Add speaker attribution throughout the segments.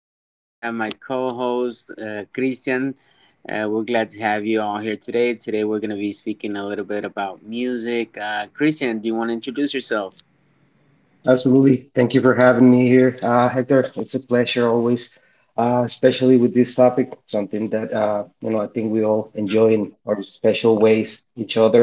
Speaker 1: With me, I have my co host, Christian. We're glad to have you all here today. Today, we're going to be speaking a little bit about music. Christian, do you want to introduce yourself?
Speaker 2: Absolutely. Thank you for having me here, Hector. It's a pleasure always, especially with this topic, something that you know I think we all enjoy in our special ways, each other.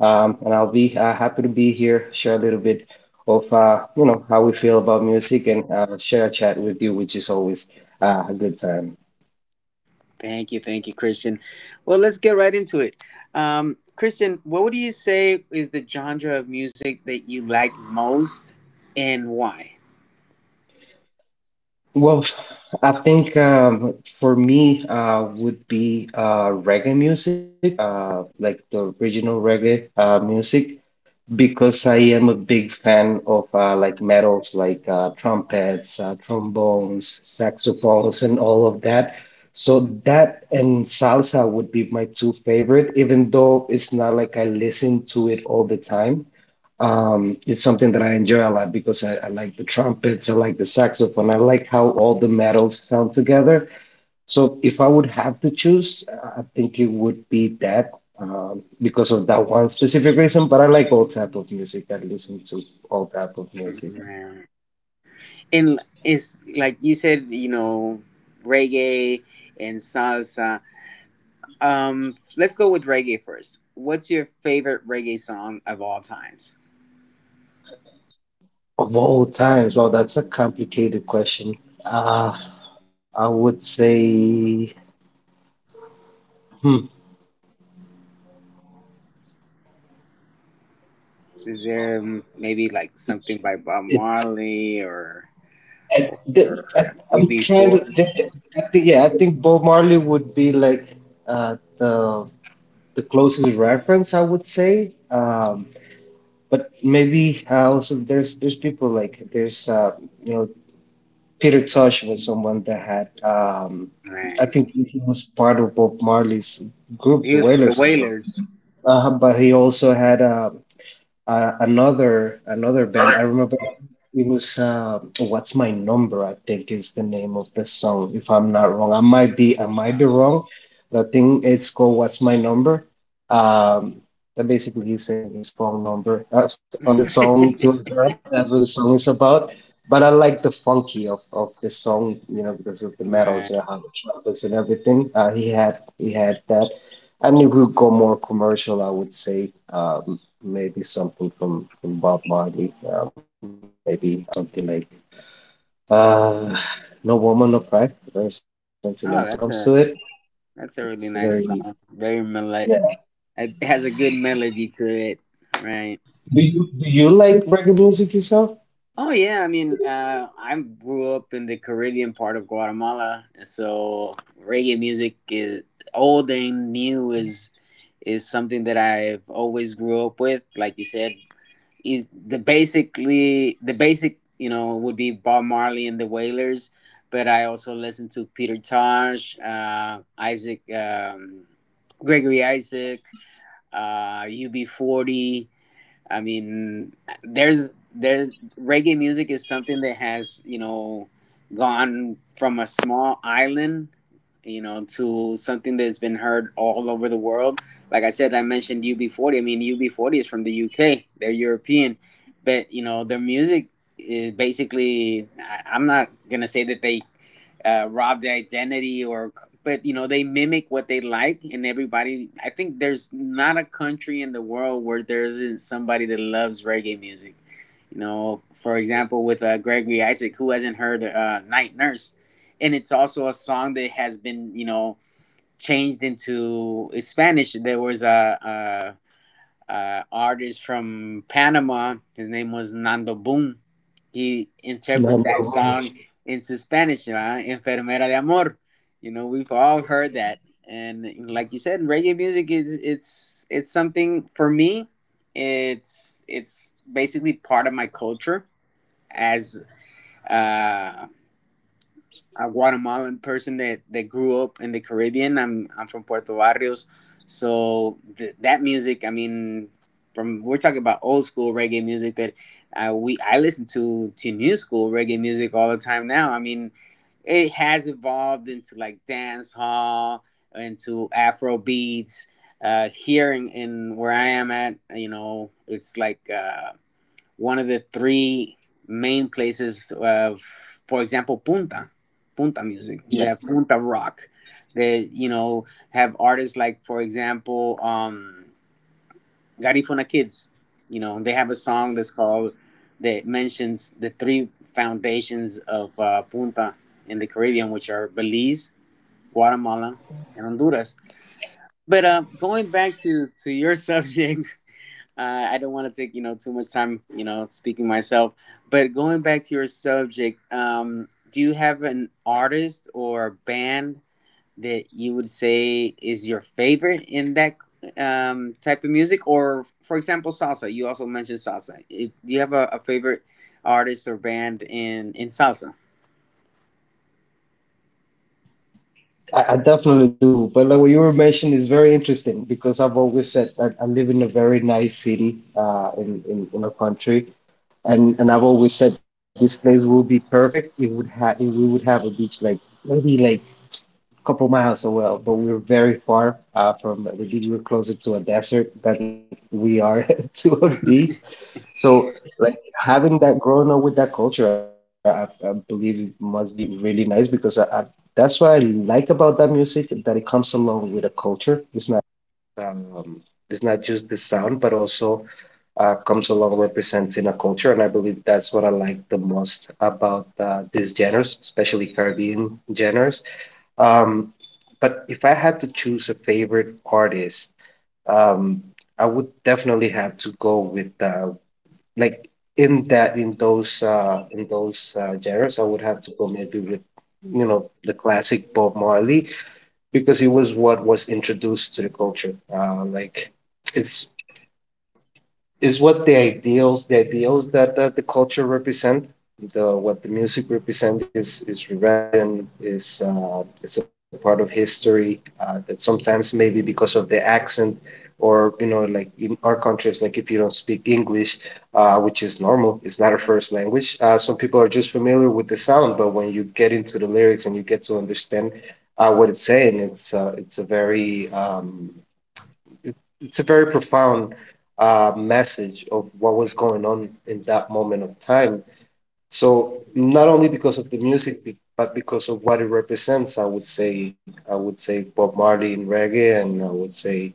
Speaker 2: And I'll be happy to be here, share a little bit of you know how we feel about music, and share a chat with you, which is always a good time.
Speaker 1: Thank you, Christian. Well, let's get right into it. Christian, what would you say is the genre of music that you like most and why?
Speaker 2: Well, I think for me would be reggae music, like the original reggae music, because I am a big fan of like metals like trumpets, trombones, saxophones, and all of that. So that and salsa would be my two favorite, even though it's not like I listen to it all the time. It's something that I enjoy a lot because I like the trumpets, I like the saxophone, I like how all the metals sound together. So if I would have to choose, I think it would be that because of that one specific reason. But I like all type of music. I listen to all type of music
Speaker 1: And it's like you said, reggae and salsa. Let's go with reggae first. What's your favorite reggae song of all times?
Speaker 2: of all times. Well, that's a complicated question. Uh, I would say, hmm,
Speaker 1: Is there maybe like something
Speaker 2: it's
Speaker 1: by Bob
Speaker 2: it.
Speaker 1: Marley or
Speaker 2: I, the, I,
Speaker 1: or
Speaker 2: I'm trying to
Speaker 1: UB40?
Speaker 2: think. I think, yeah, I think Bob Marley would be like the closest reference, I would say. But maybe also there's people like there's you know Peter Tosh was someone that had I
Speaker 1: Right.
Speaker 2: think he was part of Bob Marley's group,
Speaker 1: He
Speaker 2: the
Speaker 1: was from the
Speaker 2: Wailers as well.
Speaker 1: Wailers.
Speaker 2: But he also had another band. I remember it was "What's My Number?" I think is the name of the song, if I'm not wrong. I might
Speaker 1: Um,
Speaker 2: be wrong, but I think it's called "What's My Number." Um, that basically he's saying his phone number on the song to a girl. That's what the song is about. But I like the funky of the song, you know, because of the metals,
Speaker 1: right.
Speaker 2: you know, how the trumpets and everything. He had that. And if we go more commercial, I would say, maybe something from, Bob Marley, maybe something like uh, No Woman, No Cry, very sentimental when it
Speaker 1: Oh, that's
Speaker 2: comes to
Speaker 1: a
Speaker 2: it. It's
Speaker 1: really nice
Speaker 2: very,
Speaker 1: song. Very mel.
Speaker 2: yeah.
Speaker 1: It has a good melody to it. Right.
Speaker 2: Do you like reggae music yourself?
Speaker 1: Oh yeah, I mean, I grew up in the Caribbean part of Guatemala, so reggae music is old and new is something that I've always grew up with. Like you said, it, the basically the basic would be Bob Marley and the Wailers, but I also listen to Peter Tosh, Gregory Isaac, UB40. I mean, there reggae music is something that has gone from a small island to something that's been heard all over the world. Like I said, I mentioned UB40. I mean, UB40 is from the UK. They're European, but their music is basically. I'm not gonna say that they rob their identity, or but they mimic what they like, and everybody, I think there's not a country in the world where there isn't somebody that loves reggae music, for example with Gregory Isaac, who hasn't heard Night Nurse, and it's also a song that has been changed into Spanish. There was a artist from Panama. His name was Nando Boom. He
Speaker 2: No,
Speaker 1: interpreted that
Speaker 2: no.
Speaker 1: song into Spanish, Enfermera de Amor. We've all heard that. And like you said, reggae music is it's something for me. It's basically part of my culture as uh, a Guatemalan person that grew up in the Caribbean. I'm from Puerto Barrios, so that music. I mean, from we're talking about old school reggae music, but we I listen to new school reggae music all the time now. I mean, it has evolved into like dance hall, into Afro beats. Here in where I am at, it's like. One of the three main places of, for example, punta music. We have punta
Speaker 2: Yes.
Speaker 1: rock. They, have artists like, for example, Garifuna Kids. They have a song that's called that mentions the three foundations of punta in the Caribbean, which are Belize, Guatemala, and Honduras. But going back to your subject, I don't want to take too much time speaking myself, but going back to your subject, do you have an artist or band that you would say is your favorite in that type of music? Or for example, salsa. You also mentioned salsa. Do you have a favorite artist or band in salsa?
Speaker 2: I definitely do. But like what you were mentioning is very interesting because I've always said that I live in a very nice city in our country. And I've always said this place will be perfect. It would have we would have a beach like maybe like couple miles away, but we were very far from the beach. We were closer to a desert than we are to a beach. So, like having that growing up with that culture, I believe it must be really nice because that's what I like about that music, that it comes along with a culture. Um, it's not just the sound, but also comes along representing a culture, and I believe that's what I like the most about these genres, especially Caribbean genres. um, but if I had to choose a favorite artist, um, I would definitely have to go with like in that in those genres, I would have to go maybe with you know the classic Bob Marley because he was what was introduced to the culture. Like it's is what the ideals, that, that the culture represent, the what the music represents is rebellion, is it's a part of history that sometimes maybe because of the accent or you know like in our country it's like if you don't speak English, which is normal, it's not our first language. Some people are just familiar with the sound, but when you get into the lyrics and you get to understand what it's saying, it's a very it, it's a very profound message of what was going on in that moment of time. So not only because of the music, but because of what it represents, I would say Bob Marley in reggae, and I would say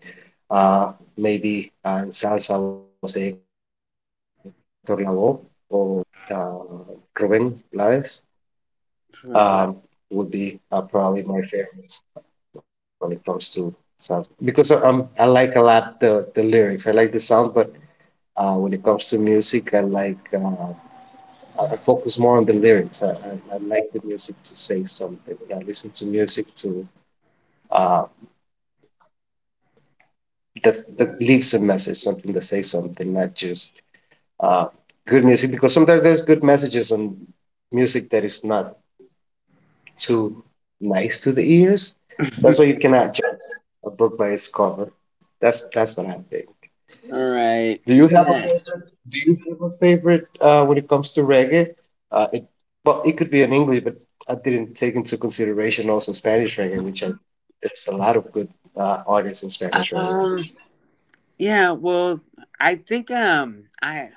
Speaker 2: uh, maybe in salsa, I would say Hector Lavoe or uh, Rubén Blades
Speaker 1: All
Speaker 2: um, would be probably my favorites when it comes to salsa because I like a lot the lyrics. I like the sound, but when it comes to music, I like I focus more on the lyrics. I like the music to say something. I, listen to music to uh, that leaves a message, something that says something, not just uh, good music, because sometimes there's good messages on music that is not too nice to the ears. That's why you cannot judge a book by its cover. That's what I think.
Speaker 1: right.
Speaker 2: Do you have a
Speaker 1: Yeah.
Speaker 2: favorite? Do you have a favorite when it comes to reggae? Uh, it, well, it could be in English, but I didn't take into consideration also Spanish reggae, which I, there's a lot of good artists in Spanish reggae.
Speaker 1: Yeah, well, I think I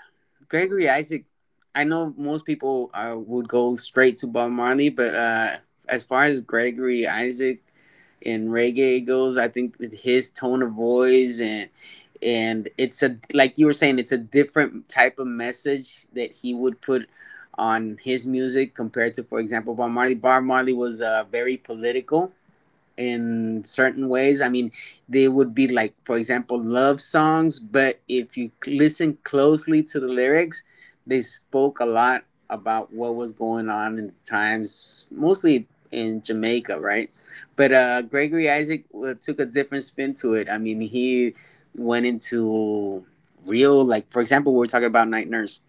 Speaker 1: Gregory Isaac, I know most people would go straight to Bob Marley, but as far as Gregory Isaac and reggae goes, I think that his tone of voice and, it's a like you were saying, it's a different type of message that he would put on his music compared to, for example, Bob Marley. Bob Marley was very political in certain ways. I mean, they would be like, for example, love songs, but if you listen closely to the lyrics, they spoke a lot about what was going on in the times, mostly in Jamaica, right? But Gregory Isaac took a different spin to it. I mean, he went into real, like, for example, we were talking about Night Nurse.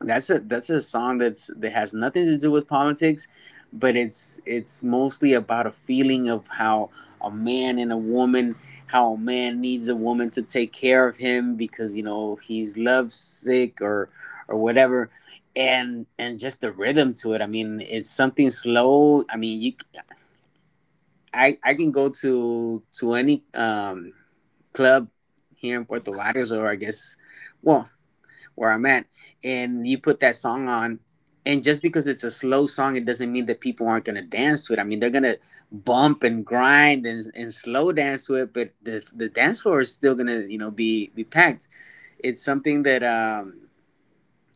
Speaker 1: That's a song that has nothing to do with politics, but it's mostly about a feeling of how a man and a woman, how a man needs a woman to take care of him because he's lovesick or whatever, and just the rhythm to it. I mean, it's something slow. I mean, you I can go to any club here in Puerto Vallarta or I guess. Well, where I'm at, and you put that song on, and just because it's a slow song, it doesn't mean that people aren't gonna dance to it. I mean, they're gonna bump and grind and slow dance to it, but the dance floor is still gonna be packed. It's something that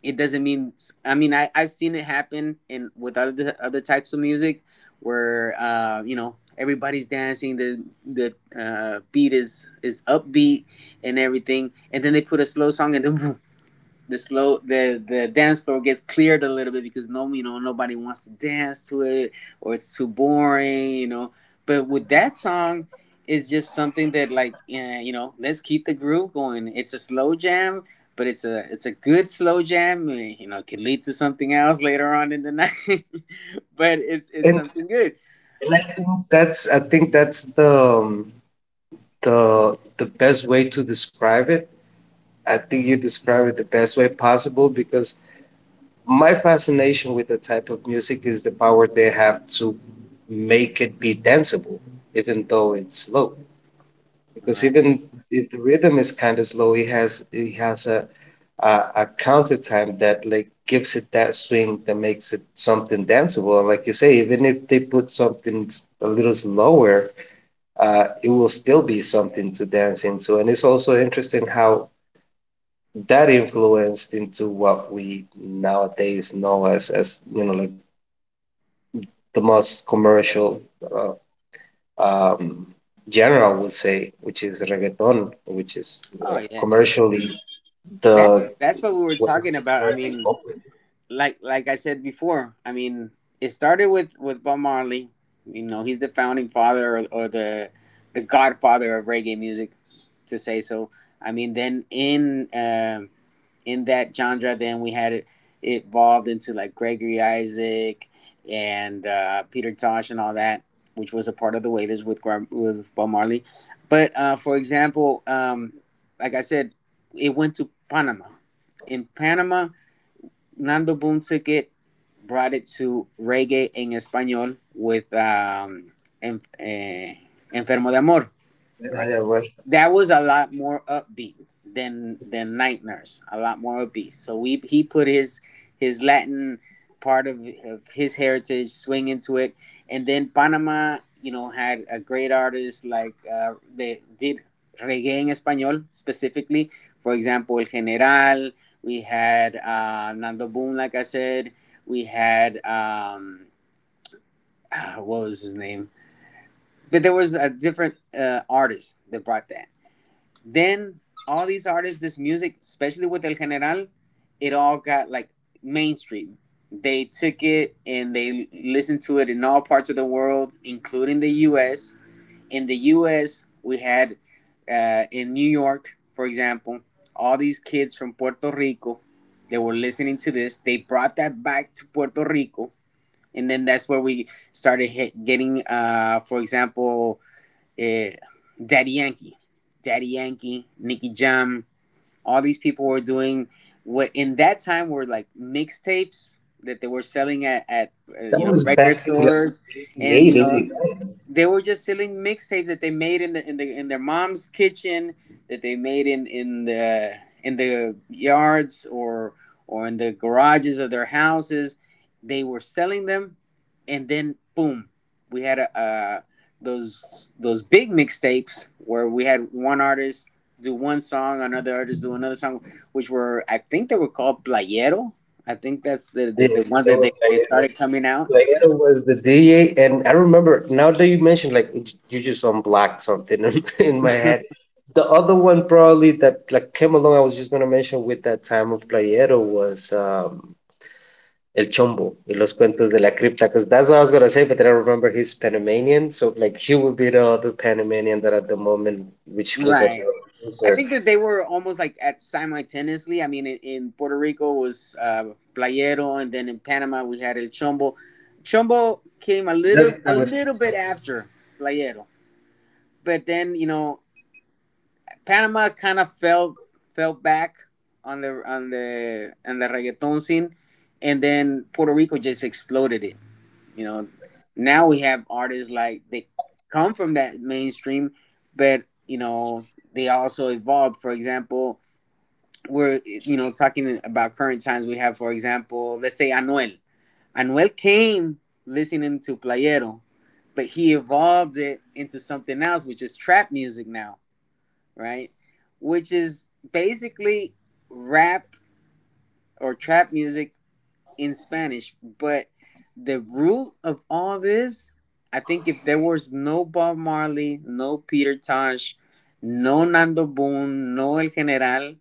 Speaker 1: it doesn't mean. I mean, I've seen it happen in with other types of music where everybody's dancing. The beat is upbeat and everything, and then they put a slow song, and then the slow the dance floor gets cleared a little bit because no you know nobody wants to dance to it, or it's too boring, but with that song it's just something that like let's keep the groove going. It's a slow jam, but it's a good slow jam, it can lead to something else later on in the night but it's
Speaker 2: And,
Speaker 1: something good.
Speaker 2: and I think that's the best way to describe it. I think you describe it the best way possible because my fascination with the type of music is the power they have to make it be danceable, even though it's slow, because
Speaker 1: Right.
Speaker 2: even if the rhythm is kind of slow, he has a, a a counter time that like gives it that swing that makes it something danceable. And like you say, even if they put something a little slower, it will still be something to dance into. And it's also interesting how that influenced into what we nowadays know as you know like the most commercial uh, um, genre, I would say, which is reggaeton, which is like
Speaker 1: Oh yeah.
Speaker 2: commercially the
Speaker 1: That's what we were
Speaker 2: what is the
Speaker 1: talking about. I
Speaker 2: currently
Speaker 1: mean,
Speaker 2: popular.
Speaker 1: like I said before, I mean, it started with Bob Marley. He's the founding father, or the godfather of reggae music, to say so. I mean, then in that genre, then we had it evolved into like Gregory Isaac and Peter Tosh and all that, which was a part of the Wailers with Bob Marley. But for example, like I said, it went to Panama. In Panama, Nando Boom took it, brought it to reggae in español with en- eh, Enfermo de Amor,
Speaker 2: And
Speaker 1: right?
Speaker 2: I am like,
Speaker 1: That was a lot more upbeat than Night Nurse. A lot more upbeat. So we he put his Latin part of his heritage swing into it, and then Panama, had a great artist like they did reggae en español specifically. For example, El General. We had Nando Boom, like I said. We had what was his name? But there was a different artist that brought that. Then all these artists, this music, especially with El General, it all got like mainstream. They took it and they listened to it in all parts of the world, including the U.S. In the U.S., we had in New York, for example, all these kids from Puerto Rico, they were listening to this. They brought that back to Puerto Rico, and then that's where we started getting, for example, eh, Daddy Yankee, Daddy Yankee, Nicky Jam, all these people were doing what in that time were like mixtapes that they were selling at you
Speaker 2: that
Speaker 1: know
Speaker 2: was
Speaker 1: record
Speaker 2: back in like
Speaker 1: stores, and
Speaker 2: 88, 89.
Speaker 1: they were just selling mixtapes that they made in their mom's kitchen, that they made in the yards or in the garages of their houses. They were selling them, and then boom, we had a those big mixtapes where we had one artist do one song, another artist do another song, which were I think they were called Playero. I think that's the
Speaker 2: Yes,
Speaker 1: one
Speaker 2: it
Speaker 1: that
Speaker 2: was
Speaker 1: they,
Speaker 2: like,
Speaker 1: they
Speaker 2: you know,
Speaker 1: started coming out.
Speaker 2: like it was the DA, and I remember now that you mentioned like it, you just unblocked something in, in my head. The other one probably that like came along, I was just gonna mention with that time of Playero was El Chombo de los Cuentos de la Cripta, because that's what I was gonna say, but then I remember he's Panamanian, so like he would be the other Panamanian that at the moment, which was a
Speaker 1: Right. I
Speaker 2: producer.
Speaker 1: think that they were almost like at simultaneously. I mean, in Puerto Rico was Playero, and then in Panama we had El Chombo. Chombo came a
Speaker 2: That
Speaker 1: little
Speaker 2: that
Speaker 1: a
Speaker 2: was
Speaker 1: little bit after Playero, but then Panama kind of fell back on the reggaeton scene, and then Puerto Rico just exploded it. You know, Now we have artists like they come from that mainstream, but they also evolved. For example, we're talking about current times. We have, for example, let's say Anuel. Anuel came listening to Playero, but he evolved it into something else, which is trap music now, right? Which is basically rap or trap music in Spanish. But the root of all this, I think if there was no Bob Marley, no Peter Tosh, no Nando Boone, no El General,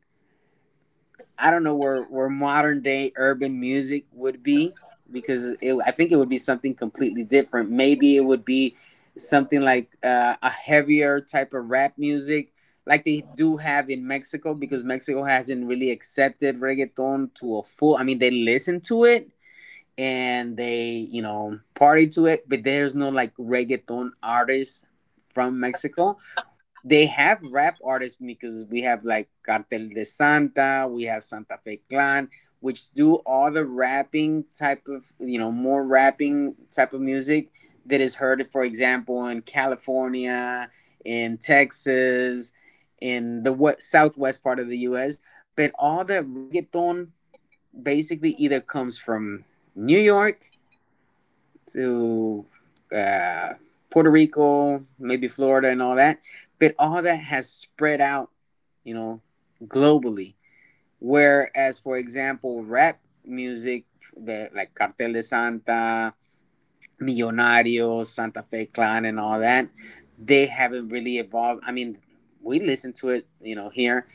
Speaker 1: I don't know where modern day urban music would be because I think it would be something completely different. Maybe it would be something like a heavier type of rap music like they do have in Mexico because Mexico hasn't really accepted reggaeton to a full I mean they listen to it and they party to it, but there's no like reggaeton artists from Mexico. They have rap artists because we have like Cartel de Santa, we have Santa Fe Clan, which do all the rapping type of more rapping type of music that is heard, for example, in California, in Texas, in the what southwest part of the us. But all the reggaeton basically either comes from New York to uh, Puerto Rico, maybe Florida and all that. But all that has spread out, you know, globally. Whereas, for example, rap music, like Cartel de Santa, Millonarios, Santa Fe Clan, and all that, they haven't really evolved. I mean, we listen to it, here,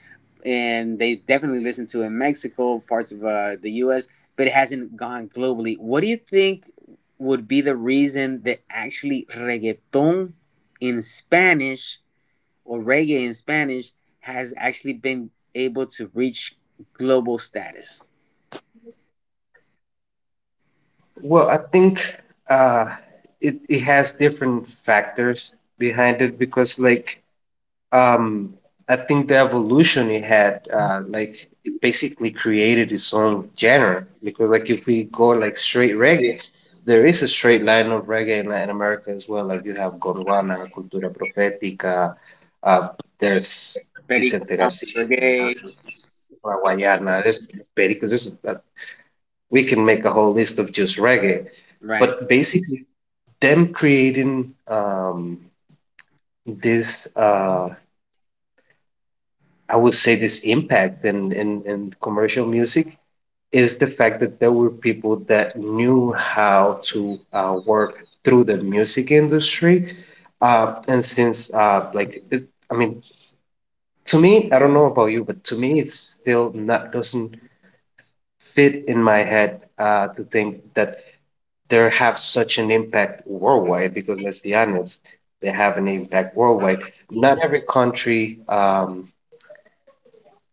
Speaker 1: and they definitely listen to it in Mexico, parts of the U.S., but it hasn't gone globally. What do you think would be the reason that actually reggaeton in Spanish or reggae in Spanish has actually been able to reach global status?
Speaker 2: Well, I think uh, it has different factors behind it because like um I think the evolution it had, like it basically created its own genre, because like if we go like straight reggae, there is a straight line of reggae in Latin America as well. Like you have Gondwana, Cultura Profética, uh there's
Speaker 1: Perico
Speaker 2: Vicente Garcia,
Speaker 1: Reggae.
Speaker 2: there's Guayana, there's — because there's a, we can make a whole list of just reggae,
Speaker 1: Right,
Speaker 2: but basically them creating this I would say this impact in, commercial music is the fact that there were people that knew how to work through the music industry. And since, like, I mean, to me, I don't know about you, but to me, it's still not doesn't fit in my head to think that they have such an impact worldwide. Because let's be honest, they have an impact worldwide. Not every country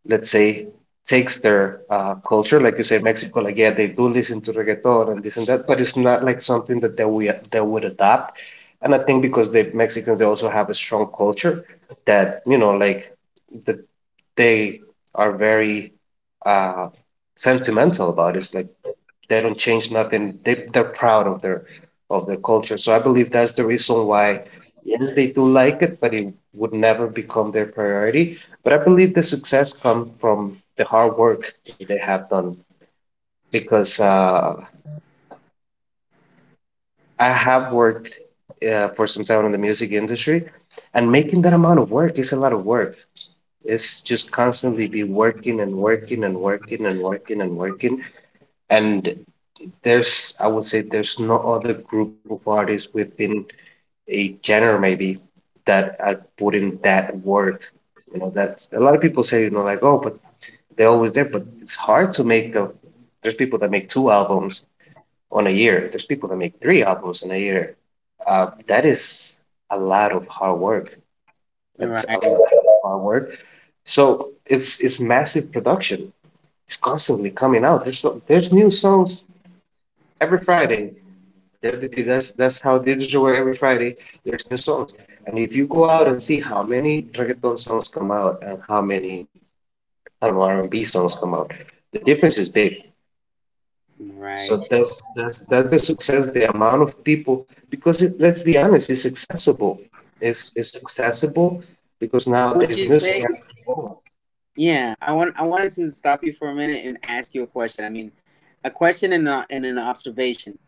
Speaker 2: let's say, takes their culture. Like you say, Mexico, like yeah, they do listen to reggaeton and this and that, but it's not like something that they we they would adopt. And I think because the Mexicans they also have a strong culture that you know like that they are very uh, sentimental about. It's like they don't change nothing. They're proud of their culture. So I believe that's the reason why, yes, they do like it, but it would never become their priority. But I believe the success come from the hard work that they have done because I have worked for some time in the music industry, and making that amount of work is a lot of work. It's just constantly be working and working and working and working and working. And there's, I would say, there's no other group of artists within a genre maybe that I wouldn't that work. You know, that's a lot of people say, you know, like, oh, but they're always there, but it's hard to make a, there's people that make two albums on a year. There's people that make three albums in a year. That is a lot of hard work. That's a lot
Speaker 1: right,
Speaker 2: of hard work. So it's massive production. It's constantly coming out. There's new songs every Friday. That's how they do it. Every Friday there's new songs. And if you go out and see how many reggaeton songs come out and how many, I don't know, R&B songs come out, the difference is big. So
Speaker 1: right.
Speaker 2: that's the success, the amount of people, because let's be honest, it's accessible. It's accessible because
Speaker 1: Would
Speaker 2: nowadays
Speaker 1: you
Speaker 2: music
Speaker 1: say?
Speaker 2: has,
Speaker 1: Yeah, I wanted to stop you for a minute and ask you a question. I mean, a question and an observation.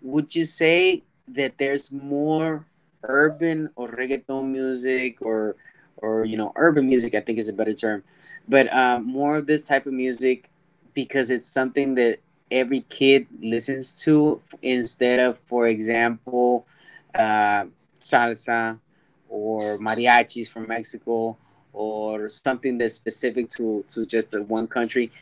Speaker 1: Would you say that there's more urban or reggaeton music or urban music, I think, is a better term, but more of this type of music because it's something that every kid listens to instead of, for example, uh, salsa or mariachis from Mexico or something that's specific to just the one country.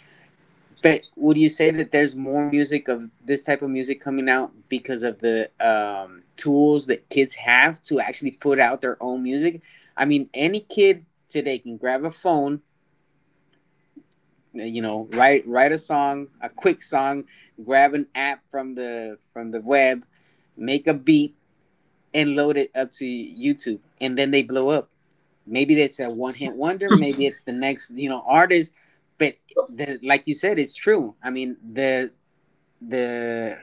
Speaker 1: But would you say that there's more music of this type of music coming out because of the tools that kids have to actually put out their own music? I mean, any kid today can grab a phone, write a song, a quick song, grab an app from the web, make a beat, and load it up to YouTube, and then they blow up. Maybe that's a one hit wonder. Maybe it's the next artist. But like you said, it's true. I mean, the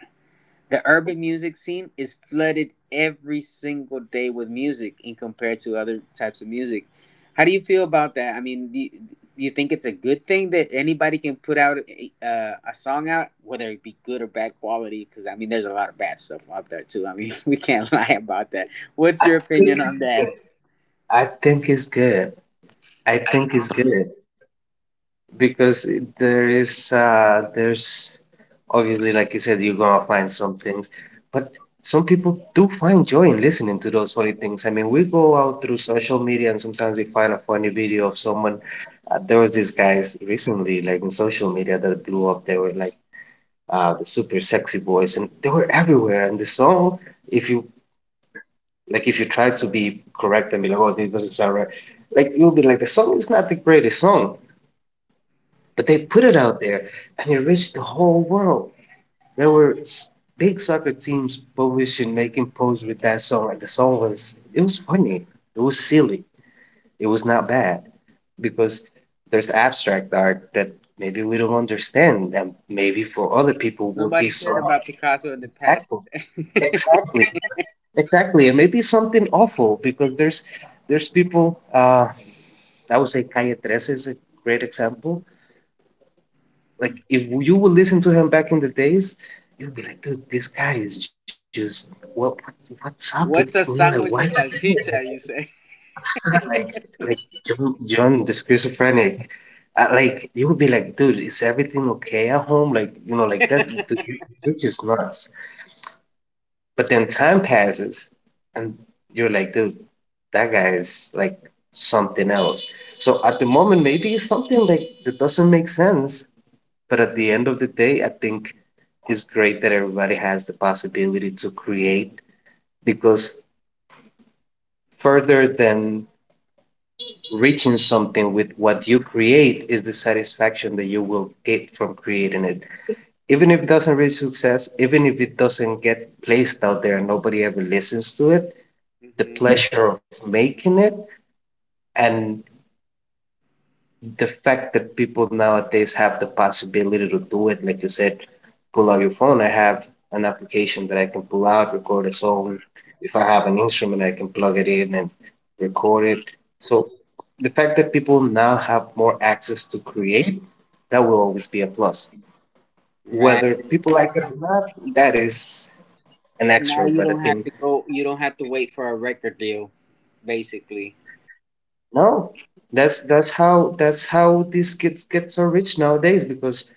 Speaker 1: the urban music scene is flooded every single day with music in compared to other types of music. How do you feel about that? I mean, do you think it's a good thing that anybody can put out a song out, whether it be good or bad quality? Because I mean, there's a lot of bad stuff out there too. I mean, we can't lie about that. What's your opinion on that?
Speaker 2: I think it's good. I think it's good, because there is there's obviously, like you said, you're gonna find some things, but some people do find joy in listening to those funny things. I mean, we go out through social media and sometimes we find a funny video of someone. There was these guys recently, like in social media, that blew up. They were like, the super sexy boys, and they were everywhere. And the song, if you like, if you try to be correct and be like, oh, this doesn't sound right, like, you'll be like, the song is not the greatest song, but they put it out there and it reached the whole world. There were big soccer teams publishing, making posts with that song. And the song was, it was funny. It was silly. It was not bad, because there's abstract art that maybe we don't understand. And maybe for other people would be
Speaker 1: Nobody cared
Speaker 2: so
Speaker 1: about Picasso in the past.
Speaker 2: impactful. Exactly. Exactly. And maybe something awful, because there's people. I would say Calle 13 is a great example. Like, if you would listen to him back in the days, you'd be like, dude, this guy is just what, what's up with, you know,
Speaker 1: What's
Speaker 2: like,
Speaker 1: a
Speaker 2: why you
Speaker 1: sandwich de
Speaker 2: doing
Speaker 1: salchicha? You say,
Speaker 2: that? Like, John, the schizophrenic. Like, you would be like, dude, is everything okay at home? Like, you know, like that. Dude, you're just nuts. But then time passes, and you're like, dude, that guy is like something else. So at the moment, maybe it's something like that doesn't make sense, but at the end of the day, I think it's great that everybody has the possibility to create, because further than reaching something with what you create is the satisfaction that you will get from creating it. Even if it doesn't reach success, even if it doesn't get placed out there and nobody ever listens to it, the
Speaker 1: hmm
Speaker 2: pleasure of making it and the fact that people nowadays have the possibility to do it, like you said, pull out your phone. I have an application that I can pull out, record a song. If I have an instrument, I can plug it in and record it. So the fact that people now have more access to create, that will always be a plus.
Speaker 1: right?
Speaker 2: Whether people like it or not, that is an
Speaker 1: Now
Speaker 2: extra,
Speaker 1: you
Speaker 2: but I
Speaker 1: don't have
Speaker 2: think
Speaker 1: to go. You don't have to wait for a record deal, basically.
Speaker 2: no, that's how these kids get so rich nowadays. Because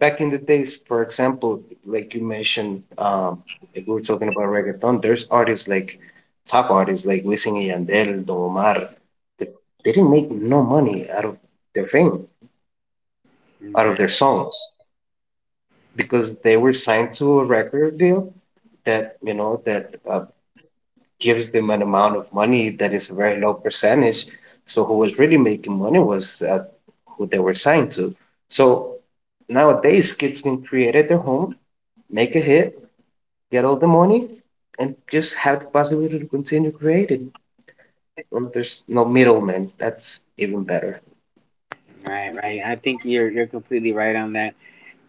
Speaker 2: back in the days, for example, like you mentioned, if we were talking about reggaeton, there's artists, like top artists like Wisin y Yandel, Don Omar, that they didn't make no money out of their fame, out of
Speaker 1: Right,
Speaker 2: their songs, because they were signed to a record deal that, you know, that gives them an amount of money that is a very low percentage. So who was really making money was who they were signed to. So nowadays, kids can create at their home, make a hit, get all the money, and just have the possibility to continue creating. There's no middleman. That's even better.
Speaker 1: right, right. I think you're completely right on that.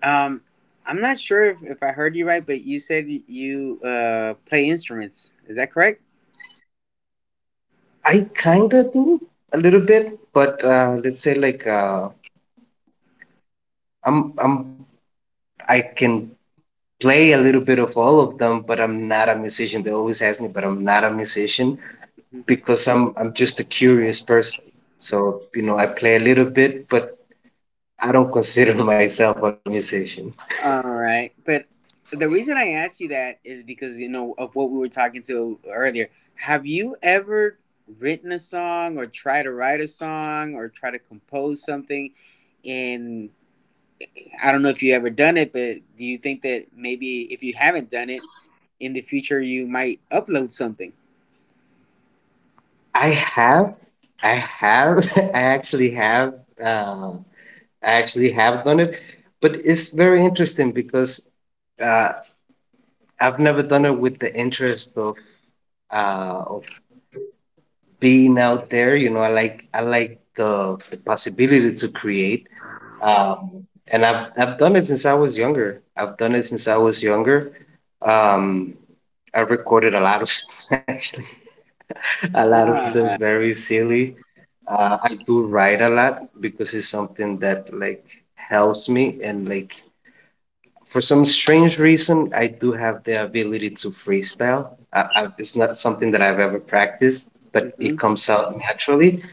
Speaker 1: Um, I'm not sure if I heard you right, but you said you play instruments. Is that correct?
Speaker 2: I kind of do a little bit, but let's say like, I'm I can play a little bit of all of them, but I'm not a musician. They always ask me, but I'm not a musician,
Speaker 1: Mhm.
Speaker 2: because I'm just a curious person. So, you know, I play a little bit, but I don't consider myself a musician.
Speaker 1: All right, but the reason I asked you that is because you know of what we were talking to earlier. Have you ever written a song, or try to write a song, or try to compose something? In I don't know if you ever done it, but do you think that maybe if you haven't done it in the future, you might upload something?
Speaker 2: I have, I have, I actually have, uh, I actually have done it, but it's very interesting because uh, I've never done it with the interest of, of being out there. You know, I like, the, possibility to create. Um, and I've done it since I was younger. I've done it since I was younger. Um, I recorded a lot of songs actually. A lot of them
Speaker 1: Ah,
Speaker 2: very silly. I do write a lot, because it's something that, like, helps me. And, like, for some strange reason, I do have the ability to freestyle. It's not something that I've ever practiced, but it
Speaker 1: hmm,
Speaker 2: comes out naturally,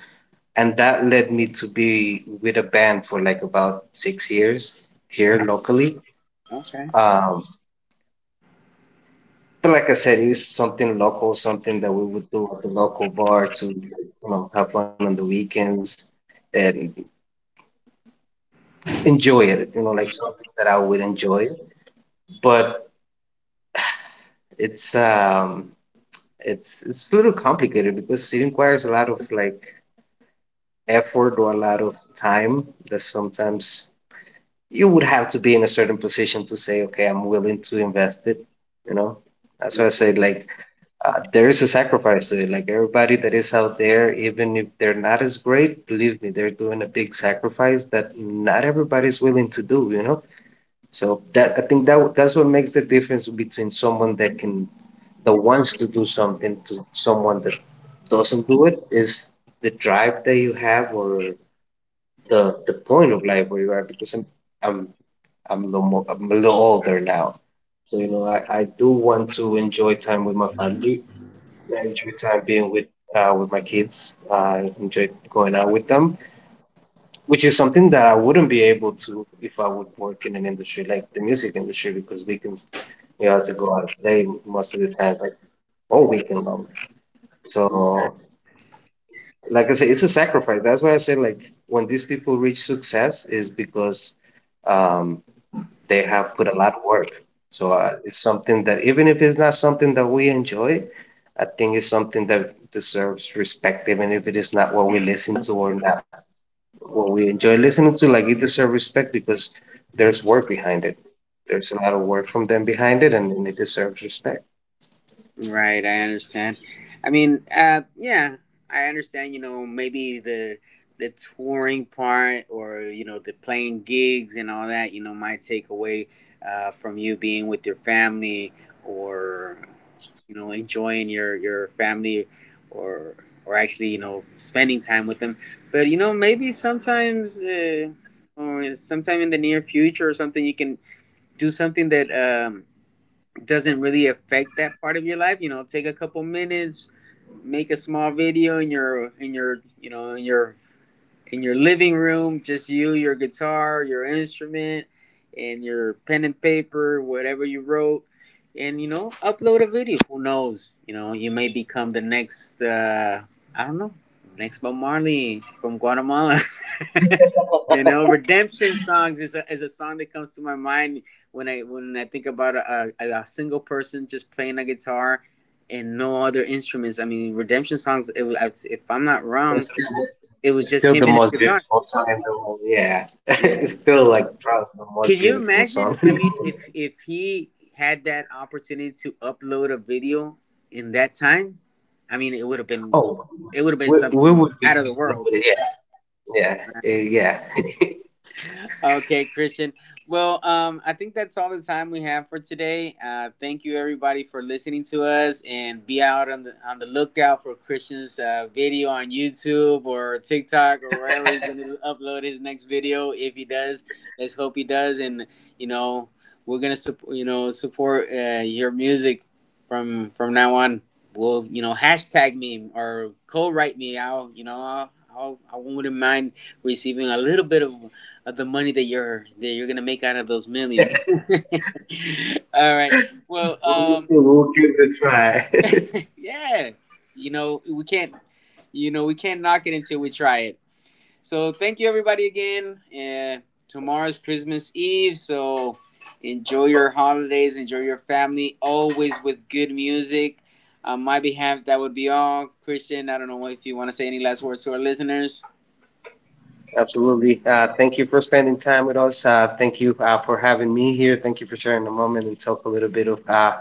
Speaker 2: and that led me to be with a band for like about 6 years here locally.
Speaker 1: okay.
Speaker 2: Um, but like I said, it was something local, something that we would do at the local bar to, you know, have fun on the weekends and enjoy it. You know, like something that I would enjoy. But it's, it's a little complicated, because it requires a lot of, like, effort or a lot of time that sometimes you would have to be in a certain position to say, okay, I'm willing to invest it. You know, that's why I say, like, there is a sacrifice to it. Like, everybody that is out there, even if they're not as great, believe me, they're doing a big sacrifice that not everybody's willing to do. You know, so that, I think that that's what makes the difference between someone that can that wants to do something to someone that doesn't do it is the drive that you have, or the point of life where you are. Because i I'm a little more, I'm a little older now. So, you know, I do want to enjoy time with my family. I enjoy time being with, with my kids. I enjoy going out with them, which is something that I wouldn't be able to if I would work in an industry like the music industry, because weekends you have to go out and play most of the time, like all weekend long.
Speaker 1: Right,
Speaker 2: So, like I say, it's a sacrifice. That's why I say, like, when these people reach success is because, um, they have put a lot of work. So it's something that even if it's not something that we enjoy, I think it's something that deserves respect, even if it is not what we listen to or not what we enjoy listening to. Like, it deserves respect because there's work behind it. There's a lot of work from them behind it, and, it deserves respect.
Speaker 1: right, I understand. I mean, yeah, I understand. You know, maybe the touring part, or you know, the playing gigs and all that. You know, might take away from you being with your family, or you know, enjoying your family, or or actually, you know, spending time with them. But you know, maybe sometimes or sometime in the near future or something, you can do something that doesn't really affect that part of your life. You know, take a couple minutes, make a small video in your living room, just you, your guitar, your instrument, and your pen and paper, whatever you wrote, and you know, upload a video. Who knows? You know, you may become the next, I don't know, next Bob Marley from Guatemala. You know, redemption songs is a song that comes to my mind when I think about a single person just playing a guitar. And no other instruments. I mean, redemption songs. It was, if I'm not wrong,
Speaker 2: It's still,
Speaker 1: it was
Speaker 2: it's
Speaker 1: just
Speaker 2: still
Speaker 1: him
Speaker 2: the
Speaker 1: and his
Speaker 2: most
Speaker 1: guitar.
Speaker 2: beautiful song in the world. Yeah,
Speaker 1: You
Speaker 2: it's still, like, probably the most
Speaker 1: Can you
Speaker 2: beautiful song.
Speaker 1: imagine? I mean, if he had that opportunity to upload a video in that time, I mean, it would have been
Speaker 2: Oh,
Speaker 1: it would have been
Speaker 2: we
Speaker 1: something
Speaker 2: would be
Speaker 1: out of the world.
Speaker 2: loaded. Yes. Yeah. Yeah.
Speaker 1: Okay, Christian. Well, I think that's all the time we have for today. Thank you, everybody, for listening to us, and be out on the lookout for Christian's video on YouTube or TikTok or wherever he's going to upload his next video. If he does, let's hope he does. And you know, we're gonna support your music from now on. Well, you know, hashtag me or co-write me. I'll you know I'll I wouldn't mind receiving a little bit of the money that you're gonna make out of those millions. All right. Well,
Speaker 2: We'll see. We'll give it a try.
Speaker 1: yeah. You know we can't. You know we can't knock it until we try it. So thank you everybody again. Tomorrow's Christmas Eve, so enjoy your holidays, enjoy your family, always with good music. On my behalf, that would be all. Christian, I don't know if you want to say any last words to our listeners.
Speaker 2: Absolutely. Thank you for spending time with us. Thank you for having me here. Thank you for sharing the moment and talk a little bit of,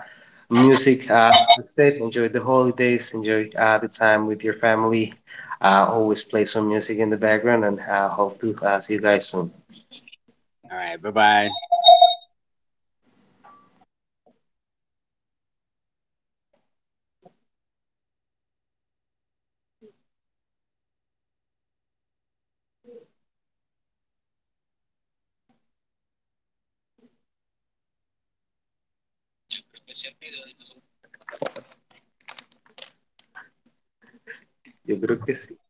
Speaker 2: music. Like I said, enjoy the holidays. Enjoy the time with your family. Always play some music in the background, and hope to see you guys soon.
Speaker 1: All right. Bye bye.
Speaker 2: Yo creo que sí.